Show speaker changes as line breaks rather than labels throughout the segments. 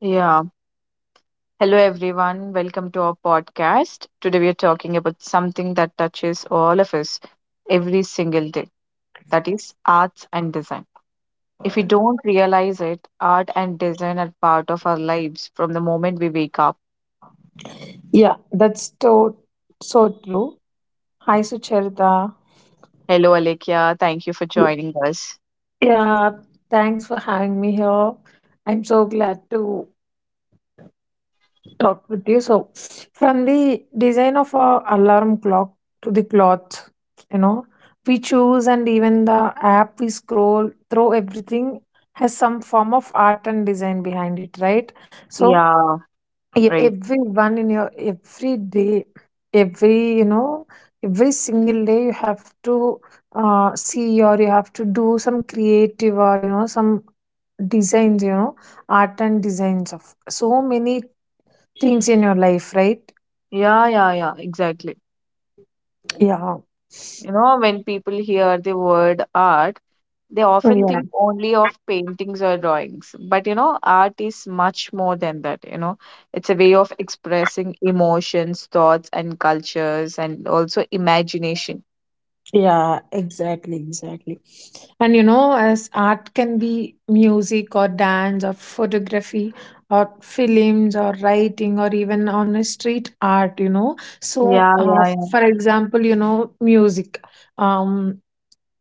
Yeah. Hello, everyone. Welcome to our podcast. Today, we are talking about something that touches all of us every single day, that is, arts and design. If we don't realize it, art and design are part of our lives from the moment we wake up.
Yeah, that's so true. Hi, Sucharita.
Hello, Alekia. Thank you for joining us.
Yeah, thanks for having me here. I'm so glad to talk with you. So, from the design of a alarm clock to the cloth, you know, we choose and even the app we scroll through, everything has some form of art and design behind it, right? So,
Yeah,
Ev
right.
everyone in your every day, every every single day you have to see or you have to do some creative or some designs, art and designs of so many things in your life, right?
Yeah, yeah, yeah, exactly.
Yeah,
When people hear the word art, they often
yeah.
think only of paintings or drawings, but art is much more than that. It's a way of expressing emotions, thoughts, and cultures, and also imagination.
Yeah, exactly, exactly. And you know, as art can be music or dance or photography or films or writing or even on a street art, you know. So,
Yeah, yeah,
yes. For
yeah.
example, you know, music. Um,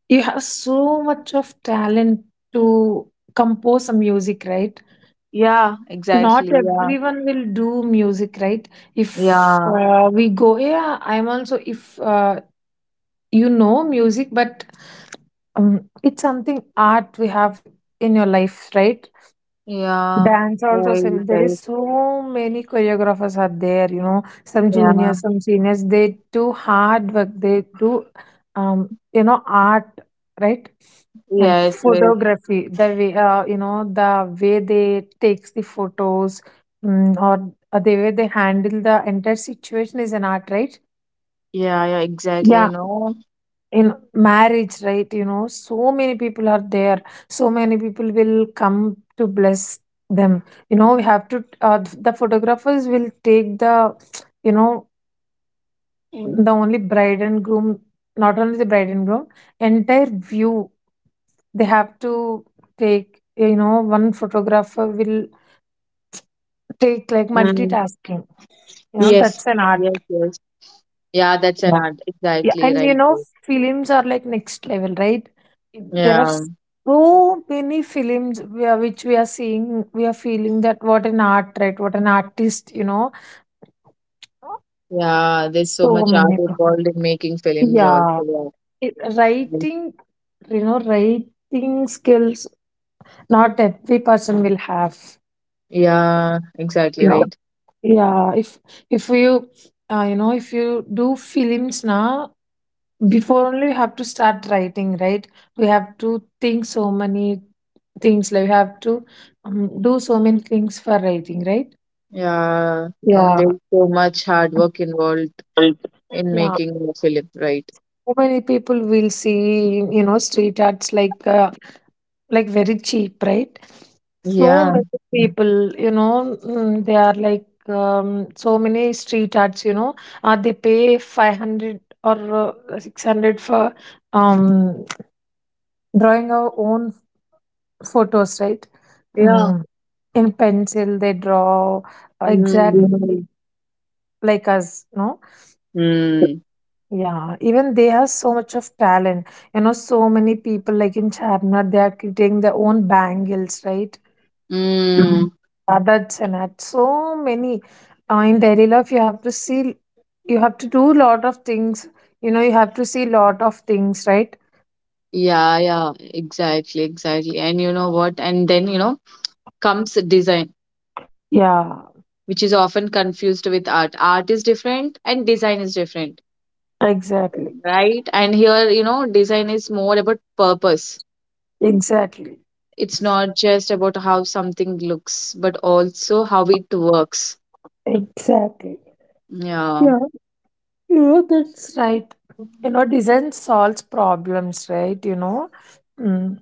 you have so much of talent to compose a music, right?
Yeah, exactly.
Not
Yeah,
everyone will do music, right? If
yeah,
we go, yeah, I'm also, if you know music, but it's something art we have in your life, right?
yeah.
Dance also,
Right,
same. There is
right.
so many choreographers are there. You know, some
Yeah,
juniors, some seniors. They do hard work. They do, you know, art, right? And
yes, yes.
photography. The way, you know, the way they takes the photos, mm, or the way they handle the entire situation is an art, right?
Yeah, yeah, exactly.
Yeah, in marriage, right? You know, so many people are there, so many people will come to bless them. You know, we have to, the photographers will take the, you know, the only bride and groom not only the bride and groom, entire view they have to take. You know, one photographer will take like
Mm.
multitasking, you know,
Yes,
that's an art.
yes, yes. Yeah, that's an art.
Yeah,
Exactly,
and
right,
you know,
right.
films are like next level, right? There are
Yeah.
so many films we are which we are seeing, we are feeling that what an art, right? What an artist, you know.
Yeah, there's so
So
much
many.
art involved in making films
Yeah.
also.
It,
Yeah,
writing, you know, writing skills, not every person will have.
yeah, exactly
Yeah.
right.
Yeah. If you, you know, if you do films now, before only we have to start writing, right? We have to think so many things, like we have to, do so many things for writing, right?
Yeah,
Yeah,
there's so much hard work involved
right.
in
Yeah,
making a film, right?
so many people will see, you know, street arts like, like very cheap, right? So
Yeah,
many people, they are like, so many street arts, you know, they pay 500 or 600 for um, drawing our own photos, right?
yeah.
Mm. In pencil, they draw
Mm,
exactly. Mhm. Like us, no?
mm,
Yeah, even they have so much of talent. You know, so many people like in Charminar, they are creating their own bangles, right? Mhm.
mm.
Adats and at so many. In daily life, you have to see, you have to do lot of things. You know, you have to see lot of things, right?
Yeah, yeah, exactly, exactly. And you know what? And then, you know, comes design,
Yeah,
which is often confused with art. Art is different and design is different,
exactly,
right? And here, design is more about purpose.
exactly,
It's not just about how something looks, but also how it works.
exactly.
Yeah.
Yeah, you know, that's right. You know, design solves problems, right? You know, Mm.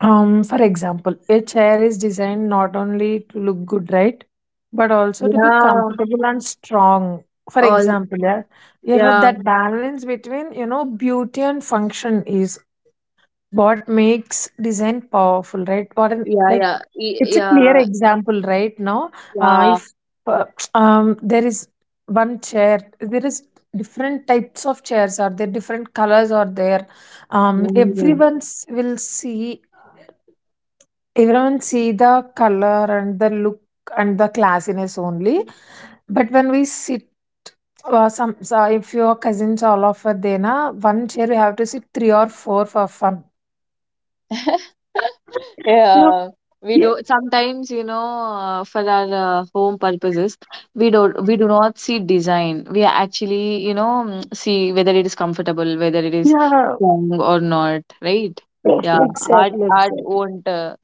for example, a chair is designed not only to look good, right, but also to be
Yeah.
comfortable and strong. For
All.
example, yeah, you know,
Yeah.
that balance between, you know, beauty and function is what makes design powerful, right? What an,
Yeah.
like
Yeah.
it's a clear
Yeah.
example right now. Uh,
Yeah.
if uh, there is one chair, there is different types of chairs are there, different colors are there.
Mm.
Will see, everyone see the color and the look and the classiness only, but when we sit, some, so if your cousins all of a day na, one chair you have to sit three or four for fun, you know,
Yeah, we do sometimes, for our home purposes, we do not see design. We actually, see whether it is comfortable, whether it is
yeah,
strong or not, right? Yeah, art
exactly,
art
exactly.
won't uh,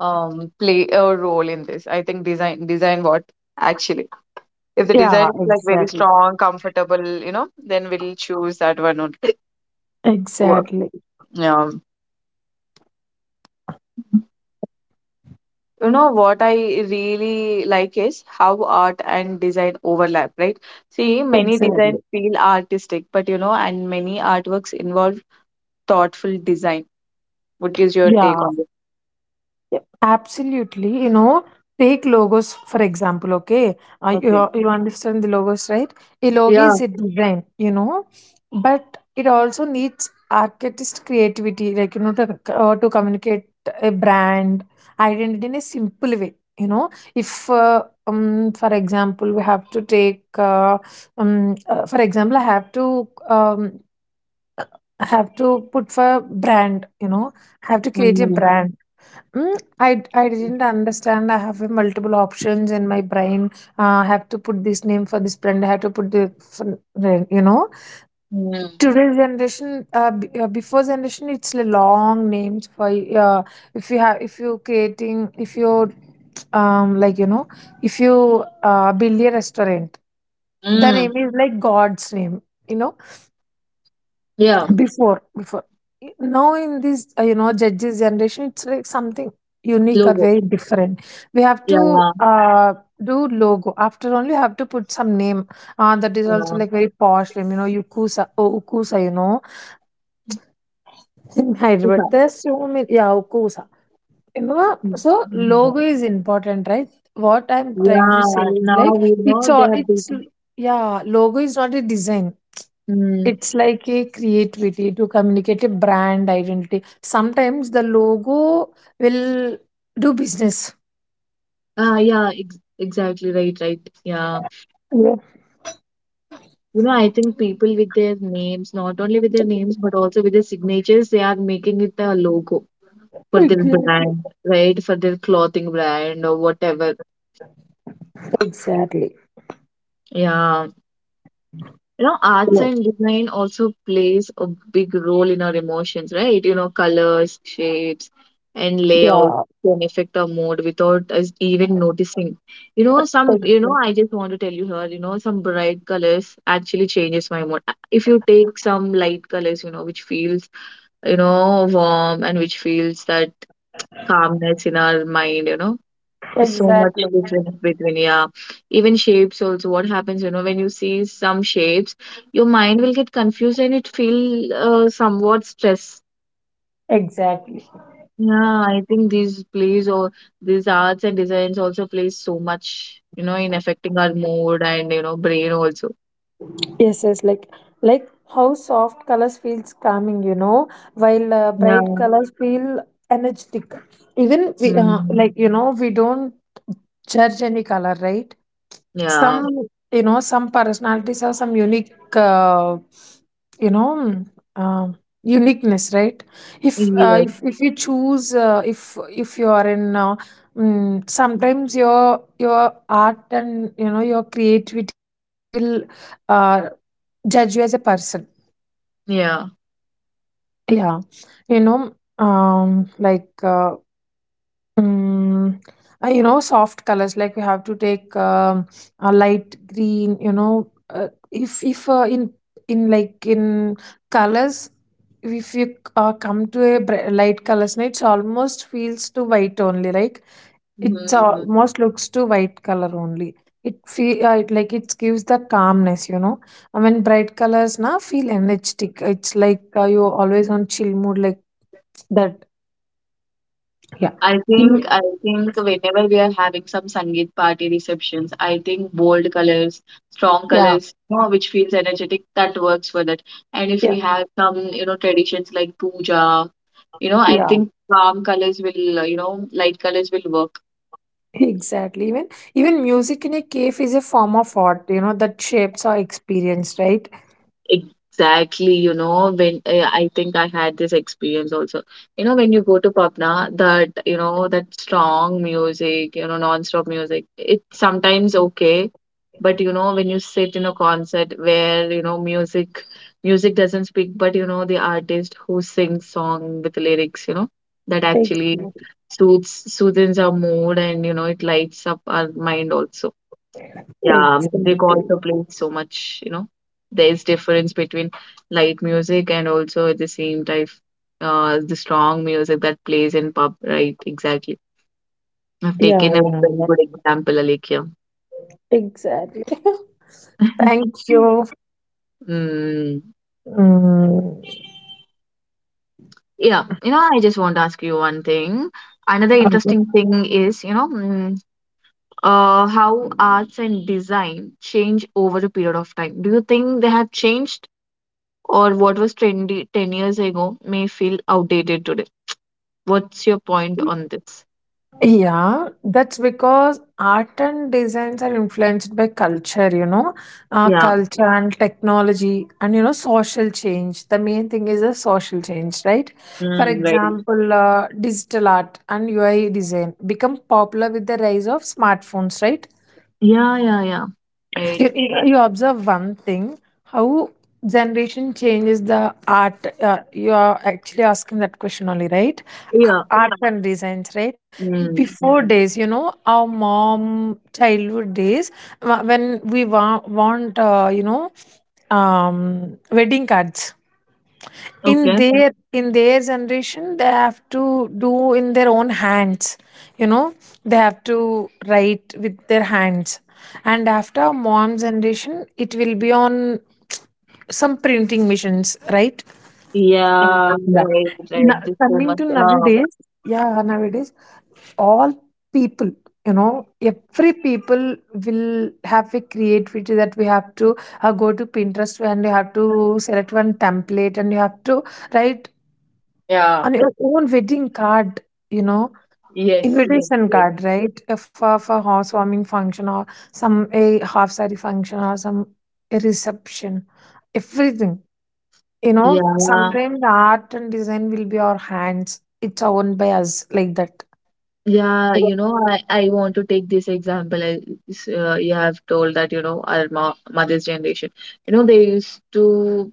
um, play a role in this. I think design what actually. If the
Yeah,
design is like very
exactly.
strong, comfortable, then we'll choose that one only. Wo-
Exactly.
Yeah. You know what I really like is how art and design overlap, right? See, many designs
Exactly.
feel artistic, but and many artworks involve thoughtful design. What is your take
Yeah,
on this?
yeah, absolutely. You know, take logos, for example, okay?
Okay.
You understand the logos, right? A logo
Yeah.
is a design, you know, but it also needs artist creativity, like, you know, to communicate a brand identity in a simple way. You know, if, for example, we have to take, for example, I have to put for brand, you know, I have to create a
Mm,
brand. I didn't understand. I have multiple options in my brain. I have to put this name for this brand. I have to put the, for, you know,
mm,
today's generation, before generation, it's a long names for, if you, like, you know, if you, build a restaurant, the
mm.
name is like God's name. You know,
Yeah.
before now in this, you know, judges generation, it's like something unique or
Logo.
very different. We have to,
Yeah.
do logo, after only have to put some name, that is also
Yeah.
like very posh name, you know, ukusa, oh ukusa, you know, in Hyderabad
Okay.
there's so many, yeah, ukusa, you know. So
Mm.
logo is important, right? What I'm trying to
Yeah,
say is
now
like
we know
it's
they
all
have
it's
become.
yeah, logo is not a design.
Mm.
It's like a creativity to communicate a brand identity. Sometimes the logo will do business.
Ah, yeah, ex exactly right, right. Yeah,
Yeah,
I think people with their names, not only with their names, but also with their signatures, they are making it a logo for their
exactly.
brand, right? For their clothing brand or whatever.
Exactly.
Yeah. Arts
Yeah,
and design also plays a big role in our emotions, right? Colors, shapes and layouts
yeah,
can affect our mood without us even noticing. You know some you know
ex-
I just want to tell you here, some bright colors actually changes my mood. If you take some light colors, which feels warm and which feels that calmness in our mind, so much
Exactly.
difference between. Yeah, even shapes also, what happens, when you see some shapes, your mind will get confused and it feel somewhat stress.
Exactly.
Yeah, I think these plays, or these arts and designs also plays so much, in affecting our mood and brain also.
Yes, yes. Like how soft colors feels calming, you know, while
Yeah,
bright colors feel energetic. Even we,
mm,
like you know, we don't judge any color, right? Some,
yeah,
you know, some personalities have some unique, you know mm, uh, uniqueness, right?
yes,
If you choose, if you are in, sometimes your art and you know your creativity will, uh, judge you as a person.
yeah.
Yeah, you know, um like uh, Mm, you know, soft colors like we have to take, a light green. You know, if in in like in colors, if you, come to a light colors, no, it's almost feels to white only. Like it
Mhm.
almost looks to white color only. It feel, like it gives the calmness. You know, I mean bright colors now feel energetic. It's like, you always on chill mood like that. Yeah.
I think
Yeah.
I think whenever we are having some Sangeet party receptions, I think bold colors, strong colors, which feels energetic, that works for that. And if
Yeah.
we have some, traditions like puja, I
Yeah.
think calm colors will, light colors will work.
Exactly. Even music in a cave is a form of art, you know, that shapes our experience, right?
Exactly, when I think I had this experience also. When you go to pub that, that strong music, non-stop music, it's sometimes okay. But, when you sit in a concert where, music, doesn't speak, but, the artist who sings song with lyrics, that actually
Exactly.
soothes our mood and, it lights up our mind also. Yeah, music
Exactly.
also plays so much, you know. There's difference between light music and also at the same time the strong music that plays in pub, right? Exactly. I've
Yeah,
taken a
yeah,
very
yeah.
good example, Alekia.
Exactly. Thank you.
Mm,
Mm.
yeah, I just want to ask you one thing. Another interesting thing is, how arts and design change over a period of time. Do you think they have changed, or what was trendy 10 years ago may feel outdated today? What's your point on this?
Yeah, that's because art and designs are influenced by culture, you know,
Yeah.
culture and technology and, you know, social change. The main thing is the social change, right? For
Mm, right.
example, digital art and UI design become popular with the rise of smartphones, right?
Yeah, yeah, yeah. Right.
You observe one thing, how generation changes the art. You are actually asking that question only, right? A-
Yeah.
Art and designs, right?
Mm.
Before days, you know, our mom childhood days, when we want, um wedding cards. In
Okay.
their, generation they have to do in their own hands, you know, they have to write with their hands. And after mom's generation, it will be on some printing machines, right?
Yeah,
Yeah.
right, right. Just so
Coming
much.
to nowadays, yeah, nowadays all people, you know, every people will have a creativity, that we have to, go to Pinterest and you have to select one template and you have to write
Yeah.
on your own wedding card, you know,
Yes, yes,
invitation
yes.
card, right? If for housewarming function or some a half saree function or some a reception, everything. You know,
Yeah.
sometimes the art and design will be our hands. It's owned by us like that.
Yeah, I want to take this example. You have told that, our mo mother's generation, they used to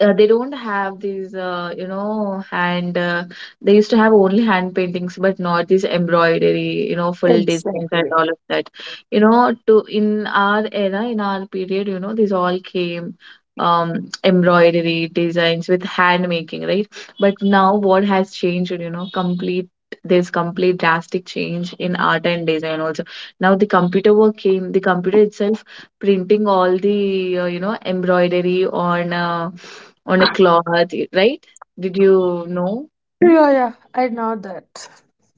they don't have these hand they used to have only hand paintings but not this embroidery, full designs and
Exactly.
all of that. To in our era, in our period, these all came, um embroidery designs with hand making, right? But now what has changed, complete, there's complete drastic change in art and design also. Now the computer work came, the computer itself printing all the embroidery on a cloth, right? Did you know?
Yeah, yeah, I know that.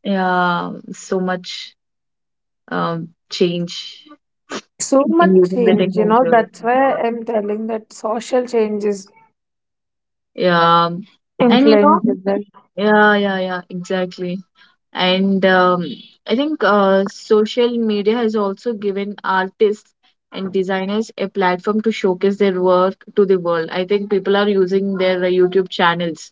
Yeah, so much change
So
in
much
using the
change, you
technology.
know, that's why I'm telling that social change is
Yeah, and you know,
influenced.
yeah, yeah, yeah, exactly. And I think social media has also given artists and designers a platform to showcase their work to the world. I think people are using their YouTube channels.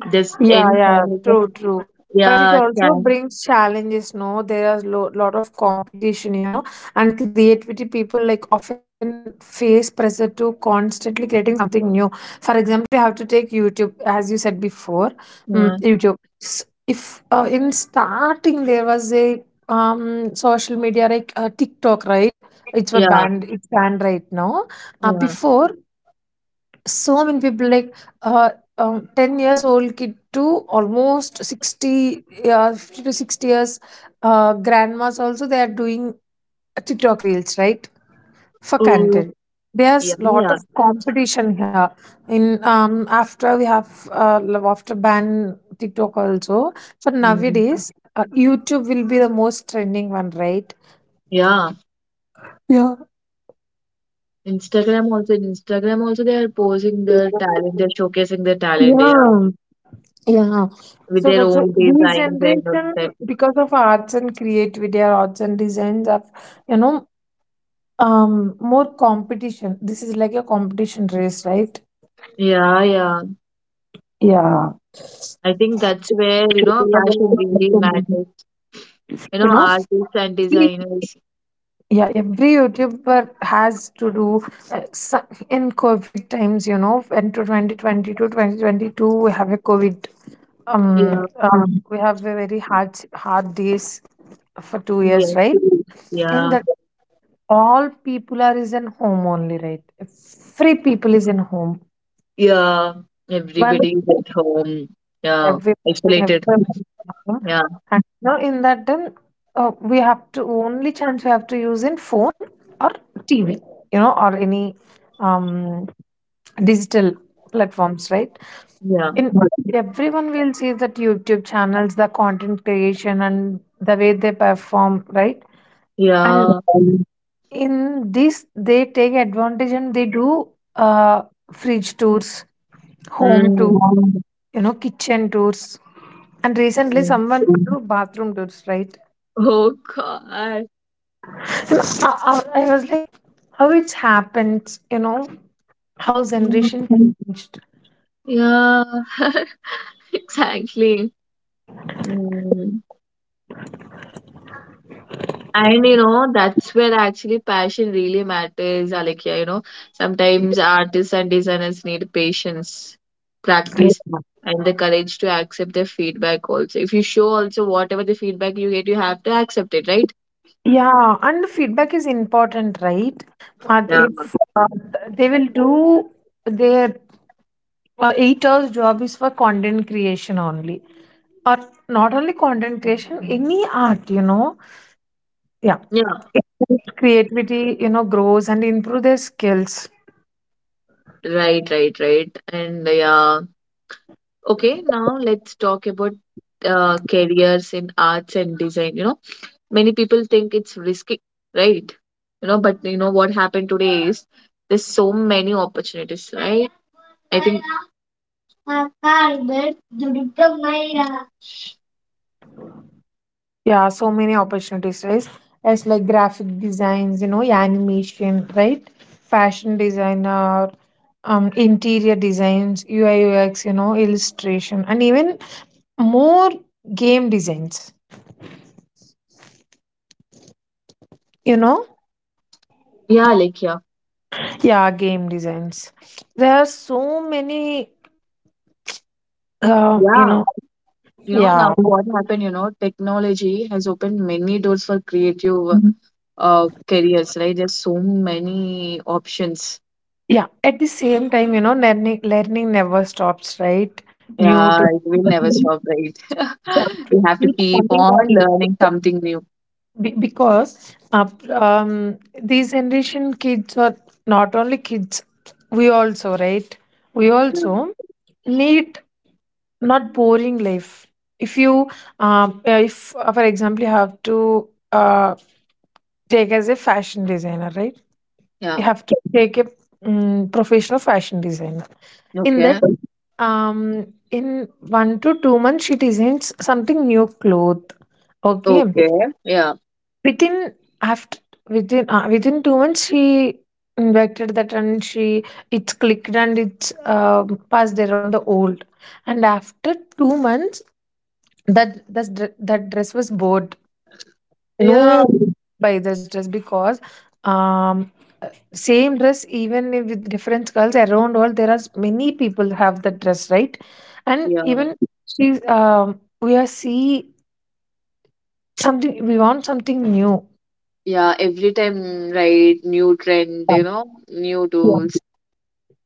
This
Yeah,
any
yeah,
kind of,
true, true. But it
yeah,
also brings challenges, no? There are lo lot of competition, you know, and creativity people like often face pressure to constantly creating something new. For example, you have to take YouTube, as you said before,
yeah,
YouTube. If in starting there was a social media like TikTok, right?
yeah,
It's banned right now.
yeah.
Before so many people like, uh, 10 years old kid to almost 60, 50 to 60 years, grandmas also, they are doing TikTok reels, right, for
Oh,
content.
yeah,
There's lot
yeah.
of competition here. In After we have, after ban TikTok also, for
Mm.
nowadays, YouTube will be the most trending one, right?
Yeah,
Yeah,
Instagram also in Instagram also they are posing their talent, they're showcasing their talent, yeah,
yeah. Yeah.
with
So
their
that's why
own
this
designs and all
generation,
that.
because of arts and creativity or arts and designs of, you know, more competition. This is like a competition race, right?
Yeah, yeah.
Yeah.
I think that's where, passion really
You
matters. You know,
know,
artists and designers.
yeah, every YouTuber has to do, in COVID times, you know, into to 2022, we have a COVID,
Yeah,
we have a very hard, hard days for two
yes,
years, right? In
yeah,
that all people are is in home only, right? Every people is in home.
yeah.
One
Everybody is at home. Yeah,
every
isolated.
Everyone is in home.
Yeah,
And you know, in that then we have to only chance we have to use in phone or TV, you know, or any um digital platforms, right?
yeah,
In everyone will see that YouTube channels, the content creation and the way they perform, right? And
yeah.
in this, they take advantage and they do uh, fridge tours, home
Mm.
tours, you know, kitchen tours. And recently,
Yeah.
someone do bathroom tours, right?
Oh God.
I was like, how it happens, you know, how
Mm.
generation changed.
Yeah, exactly. Mm. And that's where actually passion really matters, Alekhya. Sometimes artists and designers need patience, practice, and the courage to accept their feedback also. If you show also whatever the feedback you get, you have to accept it, right?
Yeah, and the feedback is important, right? But
Yeah.
if they will do their 8 hours job is for content creation only. Or not only content creation, any art, you know. Yeah.
Yeah.
It helps creativity, you know, grows and improve their skills.
Right, right, right. And yeah. Okay, now let's talk about careers in arts and design. Many people
Okay.
think it's risky, right? you know but you know what happened today is There's so many opportunities, right? I think,
Yeah, yeah, so many opportunities, right? As like graphic designs, you know, animation, right? Fashion designer, interior designs, UI UX, you know, illustration, and even more game designs. You know,
yeah, like yeah,
yeah, game designs. There are so many, you
yeah.
know,
Now
yeah.
what happened, technology has opened many doors for creative. Mhm. Careers, right? There's so many options,
Yeah, at the same time, you know, learning never stops, right? New
yeah,
to
it will never stop, right?
So,
We have to keep on learning something new.
Be- because these generation kids are not only kids, we also, right? We
Yeah.
also need not boring life. If you, if for example, you have to take as a fashion designer, right? You
Yeah.
have to take a professional fashion designer. In that,
Okay,
in 1 to 2 months, she designs something new cloth. Okay.
okay, yeah.
Within, after, within 2 months, she invented that and she, it's clicked and it's passed around the old. And after 2 months, that dress was bought.
Yeah,
No, buy this dress because um same dress even if with different girls around all there are s- many people have the dress, right? And
yeah,
even she's we are see something, we want something new.
yeah. Every time, right? New trend, you know, new
Yeah,
tools.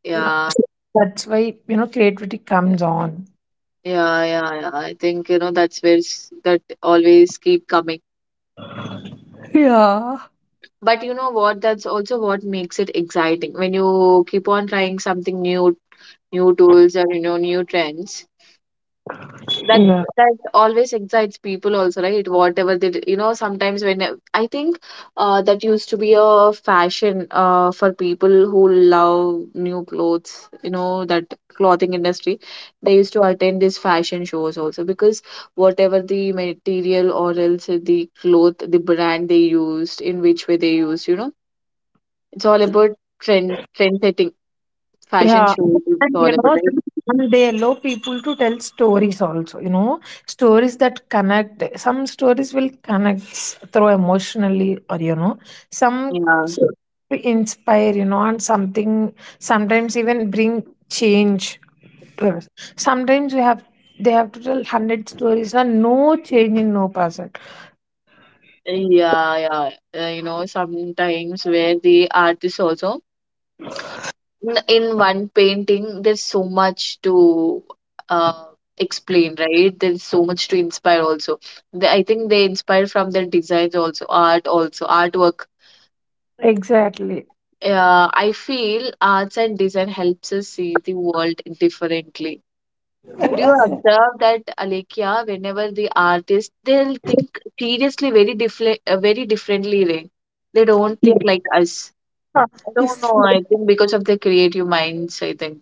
Yeah,
that's why, you know, creativity comes on.
yeah, yeah, yeah. I think, that's where that always keep coming.
Yeah.
But you know what? That's also what makes it exciting when you keep on trying something new, new tools or you know, new trends. that
Yeah.
that always excites people also, right? Whatever you know, sometimes when I think, that used to be a fashion for people who love new clothes, that clothing industry, they used to attend these fashion shows also, because whatever the material or else the cloth, the brand they used, in which way they used, it's all about trend setting. Fashion
Yeah,
shows, it's
and
all
you
about,
know,
right?
and they allow people to tell stories also, you know, stories that connect. Some stories will connect through emotionally, or you know, some
Yeah.
s- inspire, you know, and something sometimes even bring change to us. Sometimes we have they have to tell 100 stories and no change in no person.
Yeah, yeah. Sometimes where the artist also, in one painting, there's so much to uh, explain, right? There's so much to inspire also. I think they inspire from their designs also, art also, artwork.
Exactly.
I feel arts and design helps us see the world differently. Do you observe that, Alekia, whenever the artist, they'll think seriously very different, very differently. Right? They don't
Yeah.
think like us. I don't
If
know. I think because of the creative minds, I think.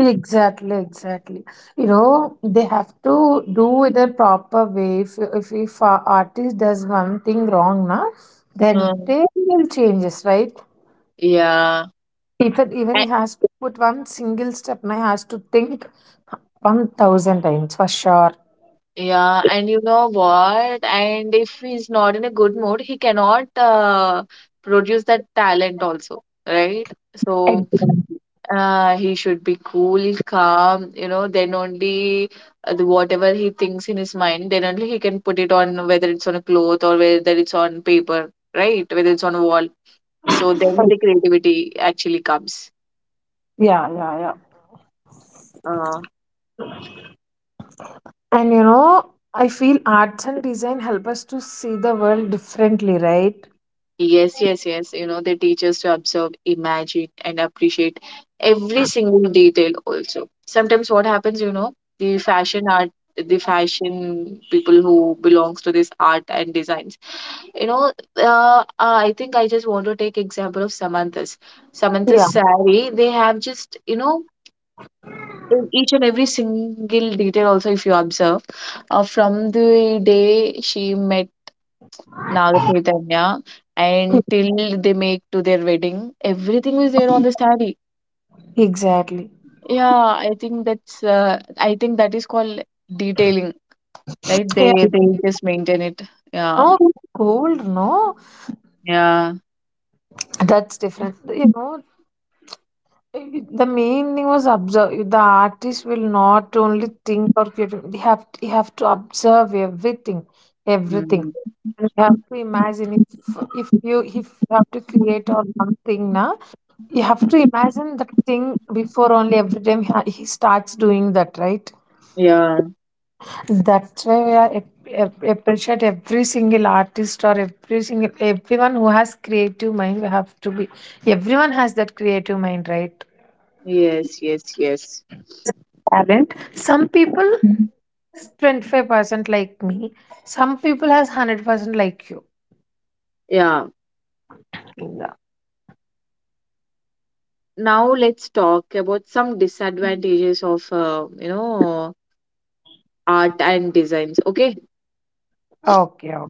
exactly, exactly. You know, they have to do it a proper way. If a artist does one thing wrong, na, then
Mm.
they will changes, right?
Yeah.
If it
A-
even has to put one single step, na, has to think 1,000 times for sure.
yeah, and you know what? And if he's not in a good mood, he cannot produce that talent also, right? So
Exactly.
he should be cool, calm, then only whatever he thinks in his mind, then only he can put it on whether it's on a cloth or whether it's on paper, right? Whether it's on a wall. So then the creativity actually comes.
Yeah, yeah, yeah.
Uh,
And you know, I feel arts and design help us to see the world differently, right?
Yes, yes, yes. You know, they teach us to observe, imagine, and appreciate every single detail also. Sometimes what happens, the fashion art, the fashion people who belongs to this art and designs, you know, I think I just want to take example of Samantha's. Samantha's
Yeah.
saree, they have just, in each and every single detail also if you observe from the day she met Naga Chaitanya, and till they make to their wedding, everything was there on the saree.
Exactly.
Yeah, I think that's I think that is called detailing, right?
Yeah.
They just maintain it. Yeah,
No, gold, no.
yeah,
That's different. You know, the main thing was observe the artist will not only think or create, you have to observe everything, everything.
mm,
And you have to imagine if you have to create or something na, you have to imagine the thing before only every time he starts doing that, right?
yeah.
That's why we are appreciate every single artist or every single everyone who has creative mind, we have to be everyone has that creative mind, right?
Yes, yes, yes.
Talent, some people
Mhm.
25% like me. Some people has 100% like you.
Yeah.
Yeah.
Now let's talk about some disadvantages of art and designs. Okay.
Okay, okay.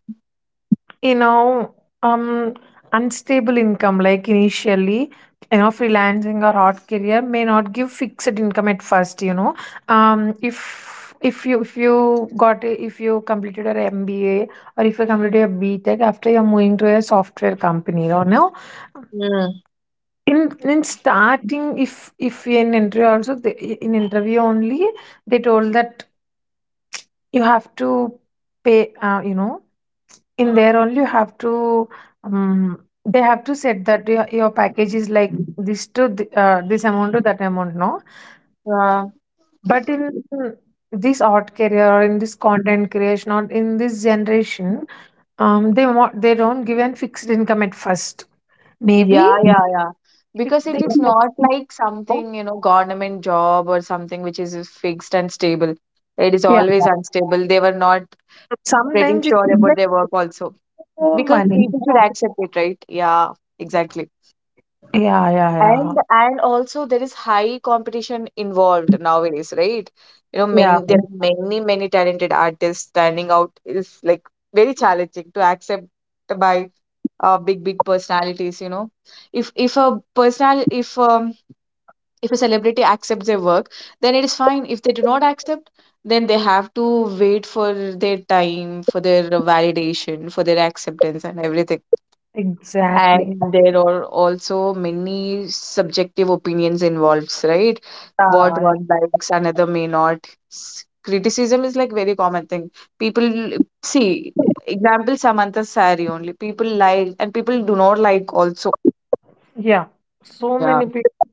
You know, um, unstable income like initially, you know, freelancing or hot career may not give fixed income at first. You know, if if you got a, if you completed your MBA or if you completed your B tech after you're moving to a software company, you know,
Mm.
in starting if in interview also they, in interview only they told that you have to pay, you know, in there only you have to, they have to set that your package is like this to this amount to that amount, no?
Yeah.
But in this art career or in this content creation or in this generation, they want they don't give an fixed income at first. Maybe
Yeah, yeah, yeah.
if
Because
they,
it is not like something, you know, government job or something which is fixed and stable. It is
yeah,
always unstable. They were not pretty
sometimes it's
sure about
like
their work also.
more
Because
money.
people should
No?
accept it, right? Yeah, exactly.
Yeah, yeah,
And
yeah,
and also there is high competition involved nowadays, right? You know,
yeah,
many there are many, many talented artists. Standing out is like very challenging to accept by big big personalities, you know. if if a personal if um, if a celebrity accepts their work, then it is fine. If they do not accept, then they have to wait for their time, for their validation, for their acceptance and everything.
exactly.
And there are also many subjective opinions involved, right? What
Yeah.
one likes, another may not. Criticism is like very common thing. People see example Samantha's saree only. People like and people do not like also.
Yeah, so
Yeah,
many people,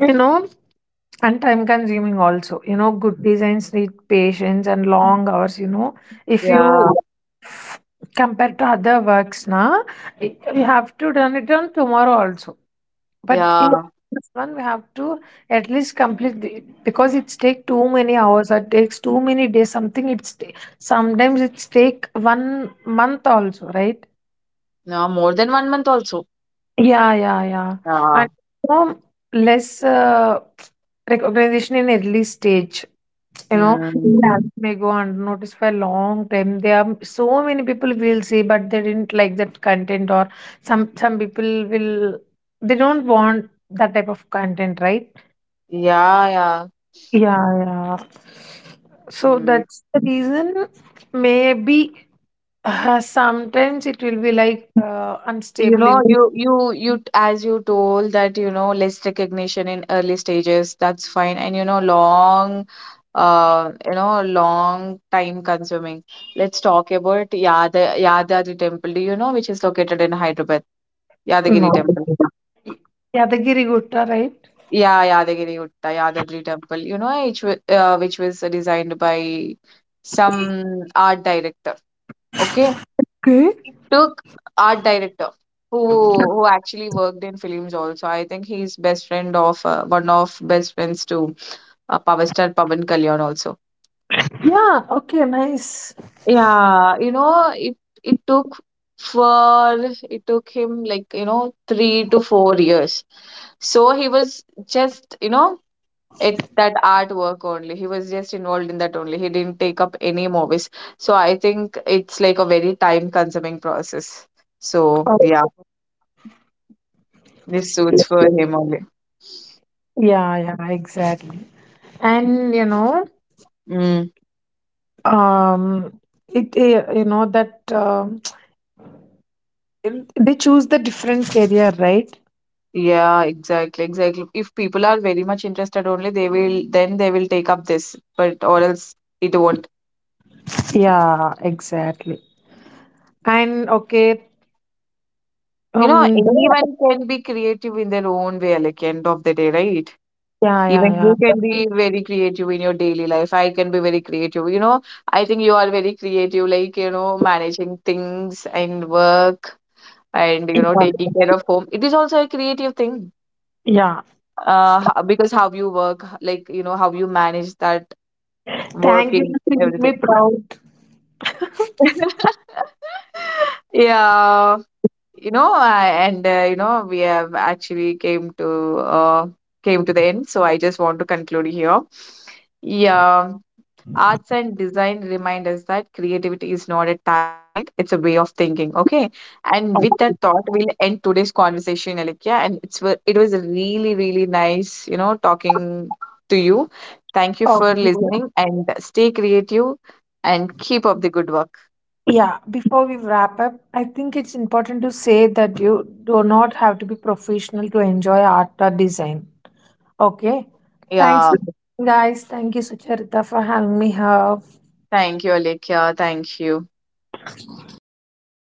you know, and time consuming also. You know, good designs need patience and long hours. You know, if you
yeah,
f- compare to other works, na, I- we have to done it on tomorrow also. But in
yeah.
this one, we have to at least complete the, because it's take too many hours or takes too many days. Something it's ta- sometimes it's take 1 month also, right?
No, more than 1 month also.
Yeah, yeah, yeah.
Yeah.
And you know, less recognition in early stage, you know,
Mm.
yeah, may go unnoticed for a long time. There are so many people will see, but they didn't like that content, or some people will they don't want that type of content, right?
Yeah, yeah.
Yeah, yeah. So
Mm.
that's the reason. Maybe sometimes it will be like
You
unstable in.
know, you as you told that, you know, less recognition in early stages, that's fine. And you know, long time consuming. Let's talk about Yada Yadadri Temple. Do you know which is located in Hyderabad?
No.
Yadagiri Temple.
Yadagiri Gutta, right?
Yeah, Yadagiri Gutta, Yadadri Temple. Which was designed by some art director. Okay.
Okay.
Took art director who actually worked in films also. I think he's best friend of one of best friends to power star Pavan Kalyan also.
Yeah, okay, nice.
Yeah, you know it took for it took him like, you know, 3 to 4 years. So he was just, you know, at that artwork only. He was just involved in that only. He didn't take up any movies. So I think it's like a very time consuming process. So yeah. This suits for him only.
Yeah, yeah, exactly. And you know,
Mm.
um, it you know that they choose the different career, right?
Yeah, exactly, exactly. If people are very much interested only, they will then they will take up this, but or else it won't.
Yeah, exactly. And okay,
You know,
um,
anyone can be creative in their own way, like end of the day, right?
yeah,
Even
yeah,
you
yeah,
can be very creative in your daily life. I can be very creative. You know, I think you are very creative, like, you know, managing things and work and, you know, taking
yeah,
care of home. It is also a creative thing
yeah.
because how you work like, you know, how you manage that
Thank you
working,
for making me
everything.
proud.
Yeah, you know, we have actually came to the end, so I just want to conclude here. Yeah. Arts and design remind us that creativity is not a talent, it's a way of thinking. Okay. And with
Of,
that thought, we'll end today's conversation, Alikya. And it was really, really nice, you know, talking to you. Thank you
of
for
you.
listening and stay creative and keep up the good work.
Yeah, before we wrap up, I think it's important to say that you do not have to be professional to enjoy art or design. Okay. Thanks,
Yeah.
guys. Thank you, Sucharita, for having me here.
Thank you, Alikya. Thank you.
Okay.